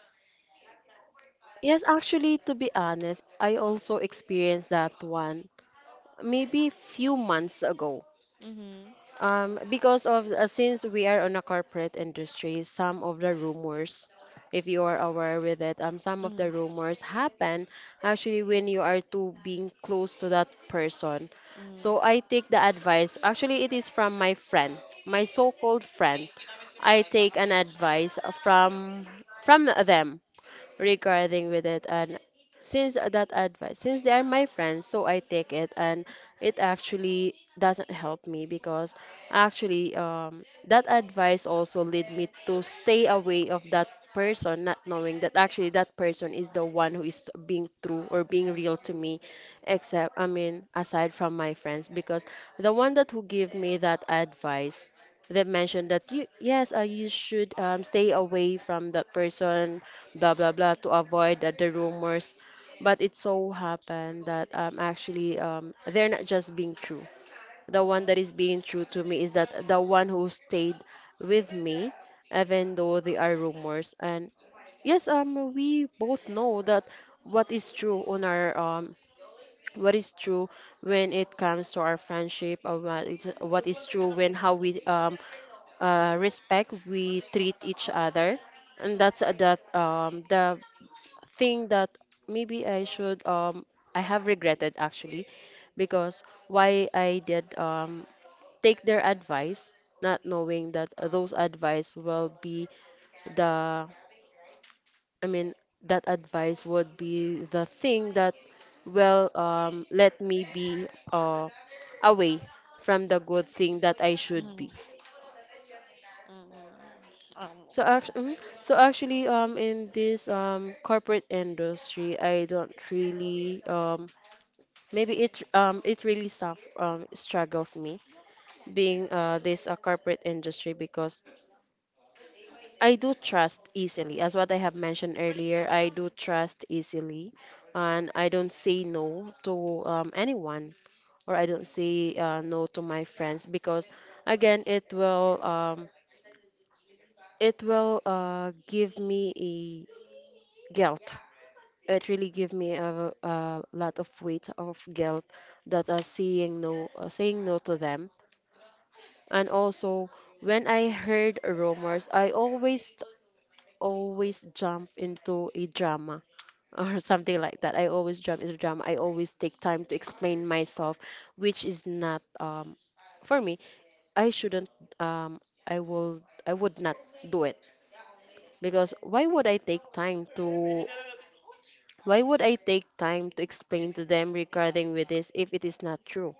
S2: Yes, actually, to be honest, I also experienced that one maybe few months ago.
S1: Mm-hmm.
S2: Because of since we are on a corporate industry, some of the rumors, if you are aware with it, some of
S1: Mm-hmm.
S2: the rumors happen actually when you are too being close to that person. So
S1: Mm-hmm.
S2: I take the advice. Actually, it is from my friend, my so-called friend. I take an advice from them regarding with it, and since that advice, since they are my friends, so I take it, and it actually doesn't help me because actually, that advice also lead me to stay away of that person, not knowing that actually that person is the one who is being true or being real to me, except I mean aside from my friends, because the one that who give me that advice, they mentioned that, you yes, you should stay away from that person, blah blah blah, to avoid the rumors. But it so happened that actually they're not just being true. The one that is
S1: Mm-hmm.
S2: being true to me is that the one who stayed with me even though they are rumors. And yes, we both know that what is true on our um what is true when it comes to our friendship, or what is true when how we respect we treat each other. And that's that the thing that maybe I should, I have regretted actually, because why I did take their advice, not knowing that those advice will be the, I mean, that advice would be the thing that will let me be away from the good thing that I should be.
S1: Mm-hmm. Mm-mm.
S2: So
S1: Okay.
S2: actually, so actually, um, in this corporate industry, I don't really maybe it it really suff struggles me being this corporate industry, because I do trust easily. As what I have mentioned earlier, I do trust easily, and I don't say no to anyone, or I don't say no to my friends, because again it will give me a guilt. It really give me a lot of weight of guilt, that saying no to them. And also, when I heard rumors, I always, always jump into a drama or something like that. I always jump into drama. I always take time to explain myself, which is not for me. I shouldn't, um I will I would not do it, because why would I take time to explain to them regarding with this if it is not true?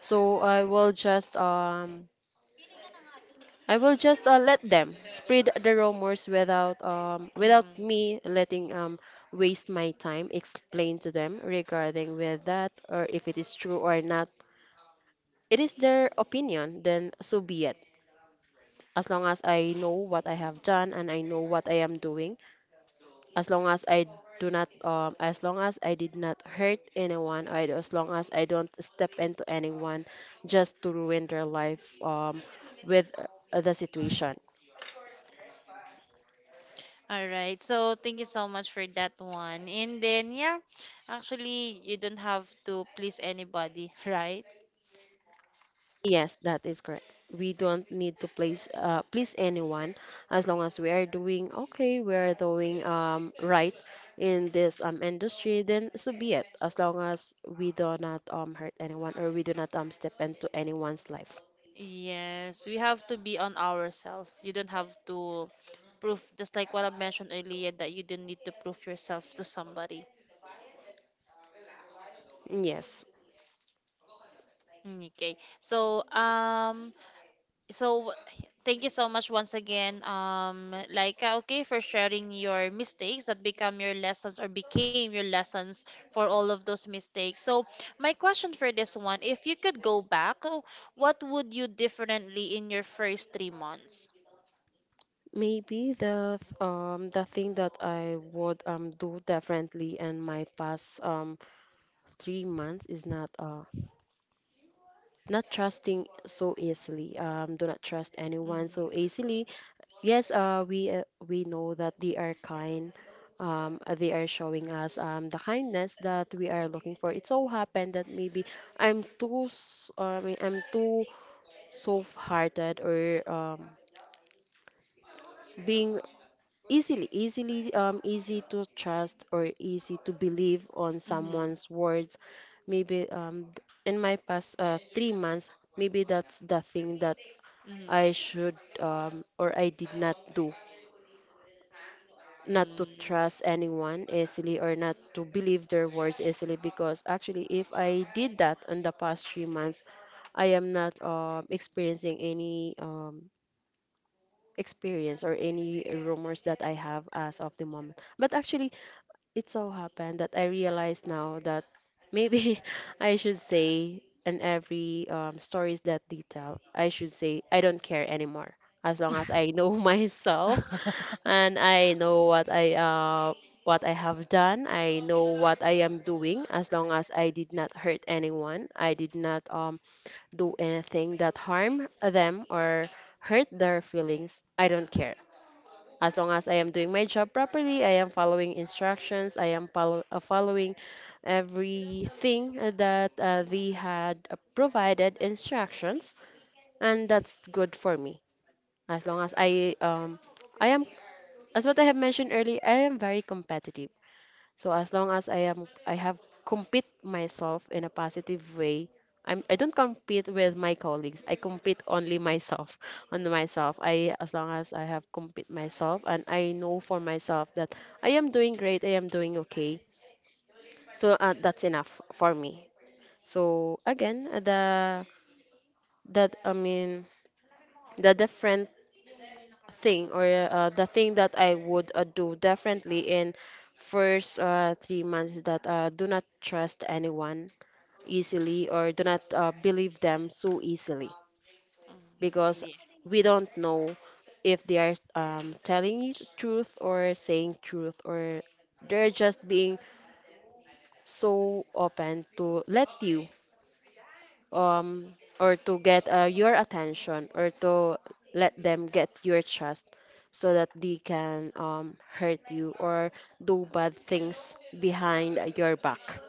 S2: So I will just let them spread the rumors without, without
S1: Mm-mm.
S2: me letting waste my time explain to them regarding with that, or if it is true or not. It is their opinion, then so be it. As long as I know what I have done and I know what I am doing, as long as I as long as I did not hurt anyone, or as long as I don't step into anyone just to ruin their life, with the situation.
S1: All right. So thank you so much for that one. And then yeah, actually you don't have to please anybody, right?
S2: Yes, that is correct. We don't need to please anyone, as long as we are doing okay, we are doing, right in this, industry, then so be it. As long as we do not, hurt anyone, or we do not, step into anyone's life.
S1: Yes, we have to be on ourselves. You don't have to prove just like what I mentioned earlier that you don't need to prove yourself to somebody.
S2: Yes.
S1: Mm. Okay. So, thank you so much once again, Laika, okay, for sharing your mistakes that become your lessons or became your lessons for all of those mistakes. So, my question for this one, if you could go back, oh, what would you differently in your first 3 months?
S2: Maybe the thing that I would do differently in my past 3 months is not trusting so easily. Do not trust anyone
S1: Mm-hmm.
S2: so easily. Yes, we know that they are kind. They are showing us, the kindness that we are looking for. It so happened that maybe I mean, I'm too soft-hearted, or being easily easily easy to trust or easy to believe on
S1: Mm-hmm.
S2: someone's words. Maybe in my past 3 months, maybe that's the thing that
S1: Mm-hmm.
S2: I should, or I did not do, not to
S1: Mm-hmm.
S2: trust anyone easily or not to believe their words easily, because actually, if I did that on the past 3 months, I am not experiencing any experience or any rumors that I have as of the moment. But actually, it so happened that I realized now that maybe I should say in every, stories that detail, I should say I don't care anymore, as long as I know myself and I know what I have done. I know what I am doing, as long as I did not hurt anyone. I did not do anything that harm them or hurt their feelings. I don't care. As long as I am doing my job properly, I am following instructions, I am following everything that they had provided instructions, and that's good for me. As long as I um I am as what I have mentioned earlier, I am very competitive. So as long as I have compete myself in a positive way, I don't compete with my colleagues. I compete only myself on myself. I as long as I have compete myself and I know for myself that I am doing great, I am doing okay. So that's enough for me. So again, the that I mean the different thing, or the thing that I would do differently in first, 3 months, is that, do not trust anyone easily, or do not, believe them so easily, because
S1: Mm-hmm.
S2: we don't know if they are, telling you truth or saying truth, or they're just being so open to let you, um or to get your attention, or to let them get your trust so that they can, hurt you or do bad things behind your back.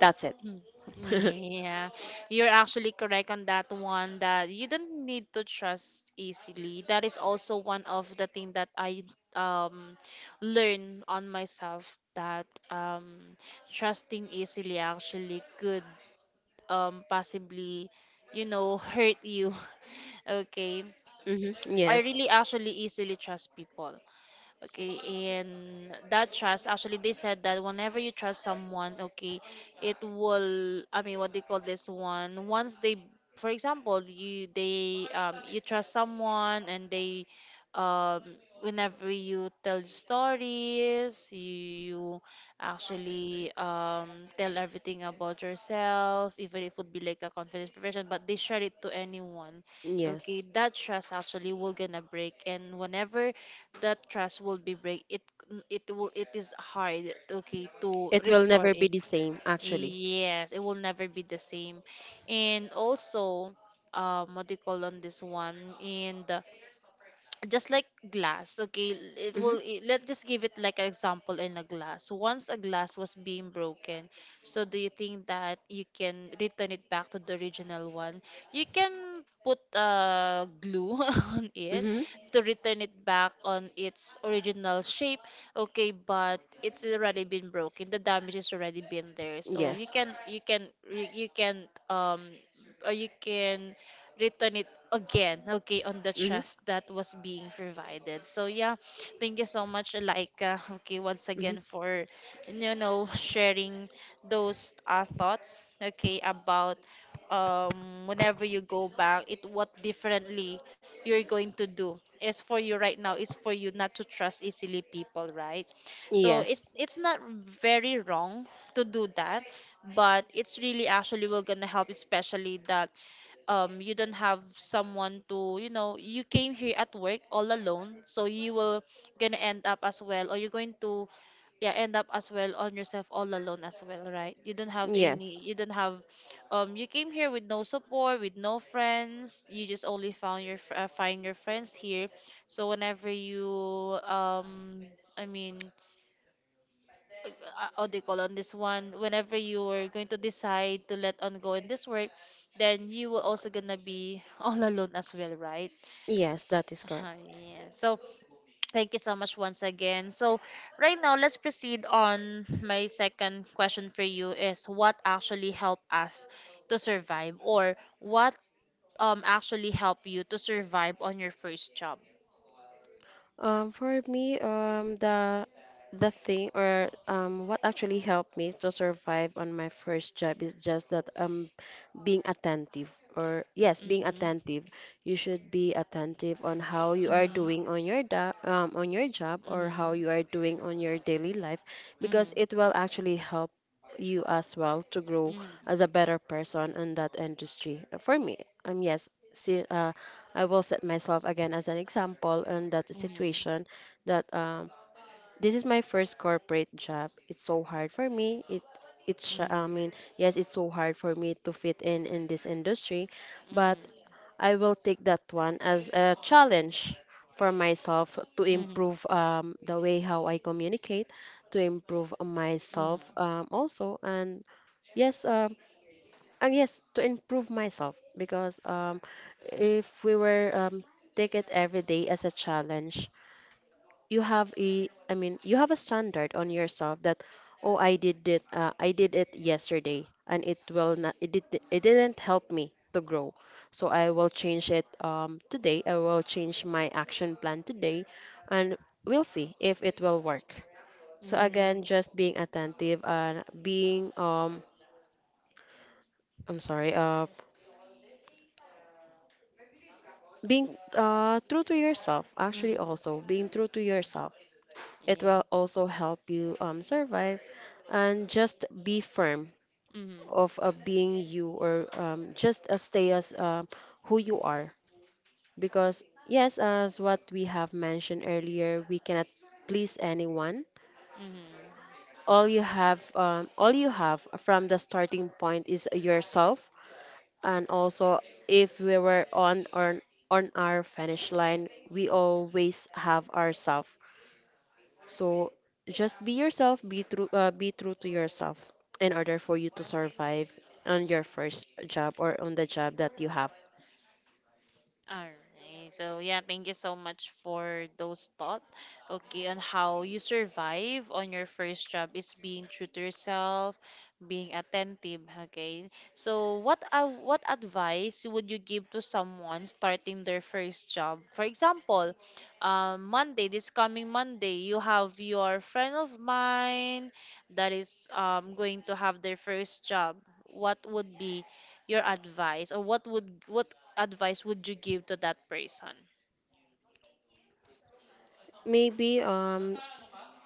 S2: That's it.
S1: Mm, Yeah, you're actually correct on that one that you don't need to trust easily. That is also one of the thing that I um learn on myself that trusting easily actually could possibly hurt you. Okay.
S2: Hmm.
S1: I
S2: Yes.
S1: really actually easily trust people, okay, and that trust actually they said that whenever you trust someone, okay, it will, I mean, what they call this one, once they for example, you trust someone, and they um whenever you tell stories, you actually tell everything about yourself, even if it would be like a confidential version, but they share it to anyone, okay,
S2: Yes.
S1: that trust actually will gonna break. And whenever that trust will be break, it is hard, okay, to
S2: It will
S1: restore
S2: never be
S1: it.
S2: the same, actually.
S1: Yes, it will never be the same. And also, what do you call on this one, and just like glass, okay, it
S2: Mm-hmm.
S1: will it, let's just give it like an example, in a glass once a glass was being broken, so do you think that you can return it back to the original one, you can put glue on it
S2: Mm-hmm.
S1: to return it back on its original shape, okay, but it's already been broken, the damage is already been there. So
S2: Yes.
S1: you can return it again, okay, on the
S2: Mm-hmm.
S1: trust that was being provided. So yeah, thank you so much, Laika, okay, once
S2: Mm-hmm.
S1: again for sharing those thoughts, okay, about whenever you go back, it what differently you're going to do. As for you right now, is for you not to trust easily people, right? So it's
S2: Yes.
S1: it's not very wrong to do that, but it's really actually will gonna help, especially that you don't have someone to, you came here at work all alone, so you will gonna end up as well, or you're going to, yeah, end up as well on yourself all alone as well, right? you don't have any
S2: Yes.
S1: you don't have um you came here with no support, with no friends, you just only found your find your friends here. So whenever you, um I mean, uh, what do you call on this one, whenever you're going to decide to let on go in this work, then you will also gonna be all alone as well, right?
S2: Yes, that is correct.
S1: Yeah, so thank you so much once again. So right now let's proceed on my second question for you is what actually helped us to survive, or what actually helped you to survive on your first job.
S2: For me, the thing, or what actually helped me to survive on my first job is just that, being attentive, or yes, being
S1: Mm-hmm,
S2: attentive. You should be attentive on how you are
S1: mm-hmm,
S2: doing on your, da on your job, or how
S1: mm-hmm,
S2: you are doing on your daily life, because
S1: mm-hmm,
S2: it will actually help you as well to grow
S1: mm-hmm,
S2: as a better person in that industry. Yes, see, I will set myself again as an example in that
S1: mm-hmm,
S2: situation,
S1: mm-hmm.
S2: that, this is my first corporate job. It's so hard for me. I mean, yes, it's so hard for me to fit in this industry, but
S1: Mm-hmm.
S2: I will take that one as a challenge for myself to
S1: Mhm.
S2: improve, the way how I communicate, to improve
S1: Mhm.
S2: myself, also, yes, um, and yes, to improve myself. Because, if we were, take it every day as a challenge, you have I mean, you have a standard on yourself that, oh, I did it yesterday, and it will not, it did, it didn't help me to grow. So I will change it, today. I will change my action plan today, and we'll see if it will work. So again,
S1: Mm.
S2: just being attentive and being, I'm sorry, being true to yourself, actually
S1: Mm.
S2: also being true to yourself, it will
S1: Yes.
S2: also help you, survive, and just be firm
S1: Mhm.
S2: of being you, or just stay as who you are. Because, yes, as what we have mentioned earlier, we cannot please anyone.
S1: Mhm.
S2: All you have, from the starting point is yourself. And also, if we were on our finish line, we always have ourselves. So just be yourself, be true to yourself, in order for you to survive on your first job or on the job that you have.
S1: All right. So yeah, thank you so much for those thoughts. Okay, on how you survive on your first job is being true to yourself, being attentive. Okay. So what advice would you give to someone starting their first job? For example, Monday, this coming Monday, you have your friend of mine that is going to have their first job. What would be your advice, or what advice would you give to that person?
S2: Maybe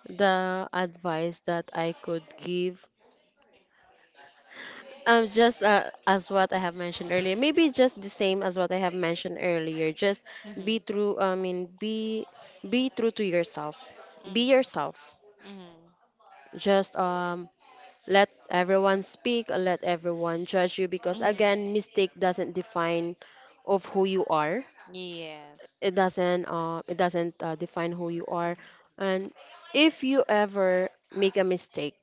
S2: the advice that I could give. Just As what I have mentioned earlier, maybe just the same as what I have mentioned earlier. Just be
S1: Mm-hmm.
S2: true. I mean, be true to yourself. Be yourself.
S1: Mm-hmm. Mm-hmm.
S2: Just, let everyone speak. Let everyone judge you, because
S1: Mm-hmm.
S2: again, mistake doesn't define of who you are.
S1: Yes.
S2: It doesn't. It doesn't define who you are.
S1: Mm-hmm.
S2: And if you ever make a mistake,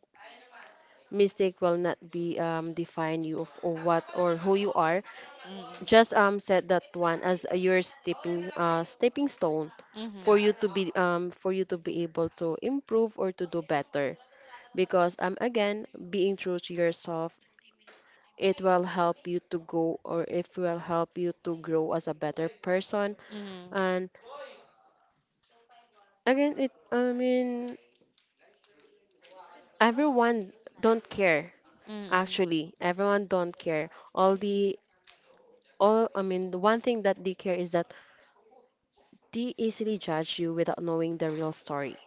S2: mistake will not be, define you of, what or who you are.
S1: Mm-hmm.
S2: Just, set that one as a your stepping stone
S1: Mm-hmm.
S2: for you to be, for you to be able to improve or to do better. Because, again, being true to yourself, it will help you to go, or it will help you to grow as a better person.
S1: Mm-hmm.
S2: And again, it I mean, everyone don't care,
S1: Mm-hmm.
S2: actually. Everyone don't care. All the all I mean, the one thing that they care is that they easily judge you without knowing the real story.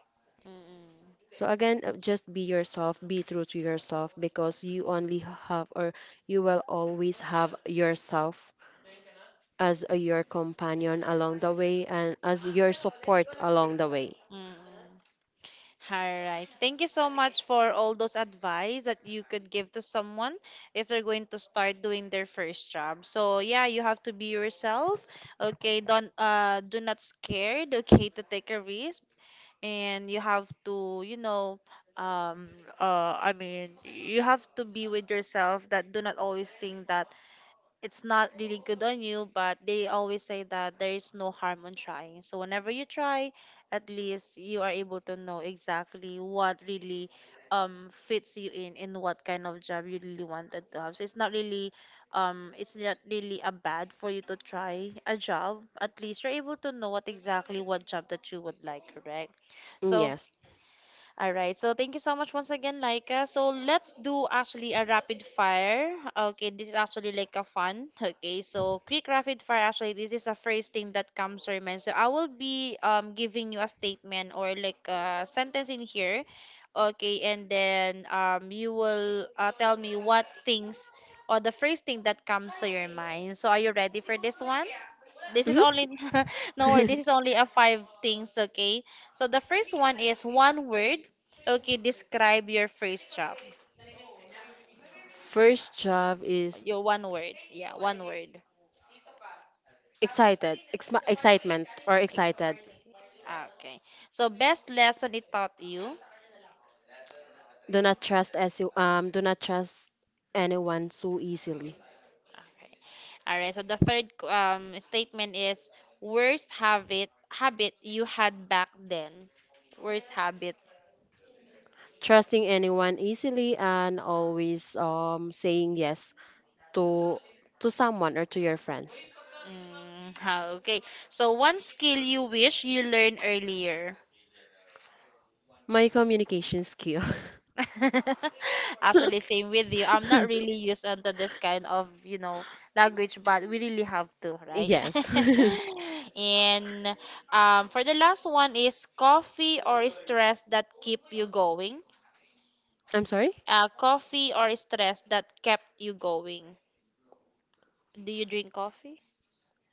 S2: So again, just be yourself, be true to yourself, because have or you will always have yourself as your companion along the way, and as your support along the way.
S1: Mm-hmm. All right. Thank you so much for all those advice that you could give to someone if they're going to start doing their first job. So yeah, you have to be yourself. Okay, don't do not scared, okay, to take a risk, and you have to, um, I mean, you have to be with yourself that do not always think that it's not really good on you, but they always say that there is no harm on trying. So whenever you try, at least you are able to know exactly what really fits you in and what kind of job you really wanted to have. So it's not really a bad for you to try a job. At least you're able to know what exactly what job that you would like, correct?
S2: Mm,
S1: So
S2: yes.
S1: all right. So thank you so much once again, Laika. So let's do actually a rapid fire. Okay, this is actually like a fun. Okay, so quick rapid fire. Actually, this is the first thing that comes to your mind. So I will be giving you a statement or like a sentence in here. Okay, and then you will tell me what things or the first thing that comes to your mind. So are you ready for this one? This is
S2: Hmm.
S1: only no word. This is only a five things, okay? So the first one is one word. Okay, describe your first job.
S2: First job is
S1: Your one word. Yeah, one word.
S2: excited, excitement or
S1: Ex-
S2: excited.
S1: Okay. So best lesson it taught you.
S2: Do not trust anyone so easily.
S1: Okay. All right. So the third statement is worst habit you had back then. Worst habit.
S2: Trusting anyone easily, and always saying yes to someone or to your friends?
S1: Mm. Okay. So one skill you wish you learned earlier.
S2: My communication skill.
S1: Actually, same with you. I'm not really used onto this kind of, language, but we really have to, right?
S2: Yes.
S1: And for the last one is coffee or stress that keep you going.
S2: I'm sorry?
S1: Coffee or stress that kept you going. Do you drink coffee?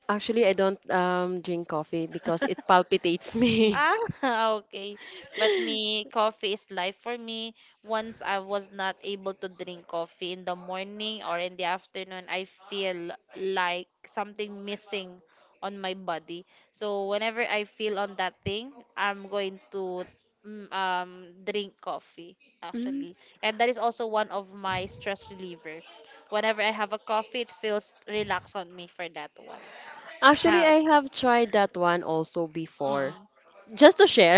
S2: Actually, I don't drink coffee because it palpitates me.
S1: Ah, okay. But me, coffee is life for me. Once I was not able to drink coffee in the morning or in the afternoon, I feel like something missing on my body. So whenever I feel on that thing, I'm going to drink coffee
S2: Mm.
S1: actually. And that is also one of my stress reliever. Whenever I have a coffee, it feels relaxed on me for that one.
S2: Actually,
S1: Ha.
S2: I have tried that one also
S1: Mm.
S2: before. Just to share.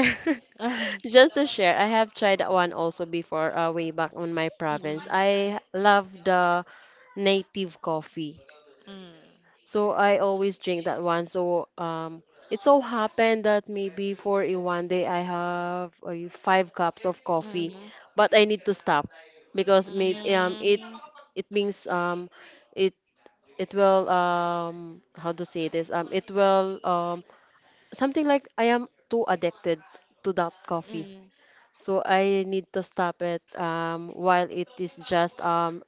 S2: Just to share, I have tried that one also before, way back on my province.
S1: Mm.
S2: I love the native coffee.
S1: Mm.
S2: So I always drink that one. So, it so happened that maybe for a one day I have five cups of coffee,
S1: Mm,
S2: but I need to stop, because maybe
S1: mm,
S2: it means, it it will, how to say this, it will, something like I am too addicted to that coffee.
S1: mm,
S2: So I need to stop it, while it is just,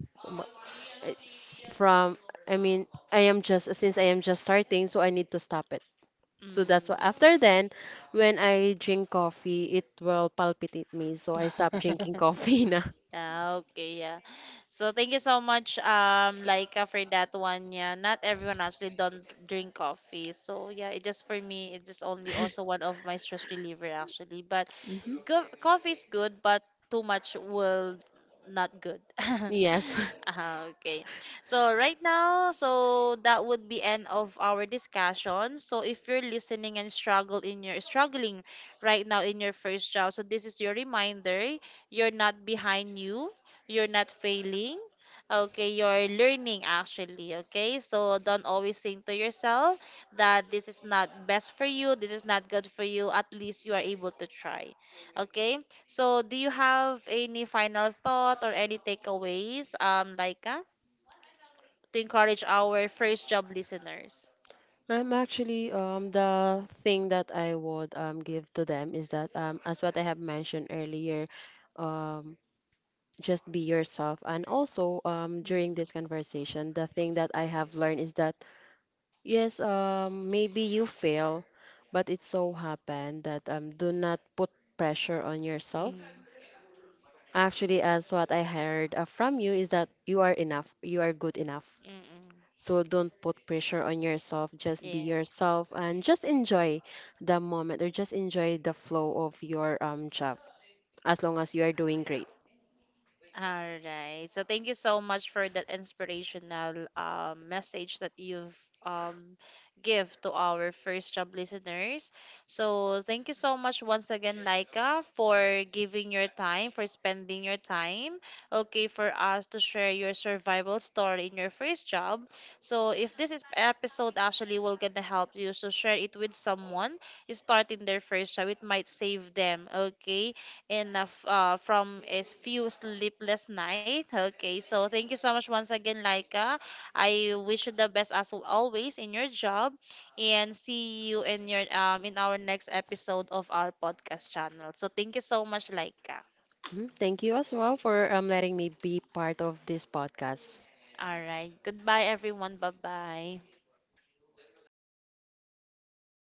S2: it's from, I mean, since I am just starting, so I need to stop it. So that's why
S1: mm.
S2: after then, when I drink coffee, it will palpitate me. So I stop drinking coffee na.
S1: Yeah, okay, yeah. So thank you so much, Laika, for that one. Yeah, not everyone actually don't drink coffee. So yeah, it just for me, it just only also one of my stress reliever actually. But
S2: Hmm.
S1: Coffee is good, but too much will not good.
S2: Yes.
S1: Ah, okay. So right now, so that would be end of our discussion. So if you're listening and struggle in your struggling right now in your first job, so this is your reminder. You're not behind you. You're not failing. Okay, you're learning actually. Okay, so don't always think to yourself that this is not best for you. This is not good for you. At least you are able to try. Okay. So, do you have any final thought or any takeaways, Laika, to encourage our first job listeners?
S2: I'm actually, the thing that I would, give to them is that, as what I have mentioned earlier, um just be yourself. And also, during
S1: Mm-hmm.
S2: this conversation, the thing that I have learned is that, yes, maybe you fail, but it so happened that, do not put pressure on yourself.
S1: Mm-hmm.
S2: Actually, as what I heard from you is that you are enough, you are good enough.
S1: Mm-hmm.
S2: So don't put pressure on yourself. Just be
S1: Yes.
S2: yourself and just enjoy the moment, or just enjoy the flow of your job, as long as you are doing great.
S1: All right. So thank you so much for that inspirational message that you've um, give to our first job listeners. So thank you so much once again, Laika, for giving your time, for spending your time, okay, for us to share your survival story in your first job. So if this is episode actually will gonna help you, so share it with someone starting their first job. It might save them, okay? And from a few sleepless night. Okay, so thank you so much once again, Laika. I wish you the best as always in your job, and see you in your in our next episode of our podcast channel. So thank you so much, Laika.
S2: Mhm. Thank you as well for letting me be part of this podcast.
S1: All right, goodbye everyone. Bye bye.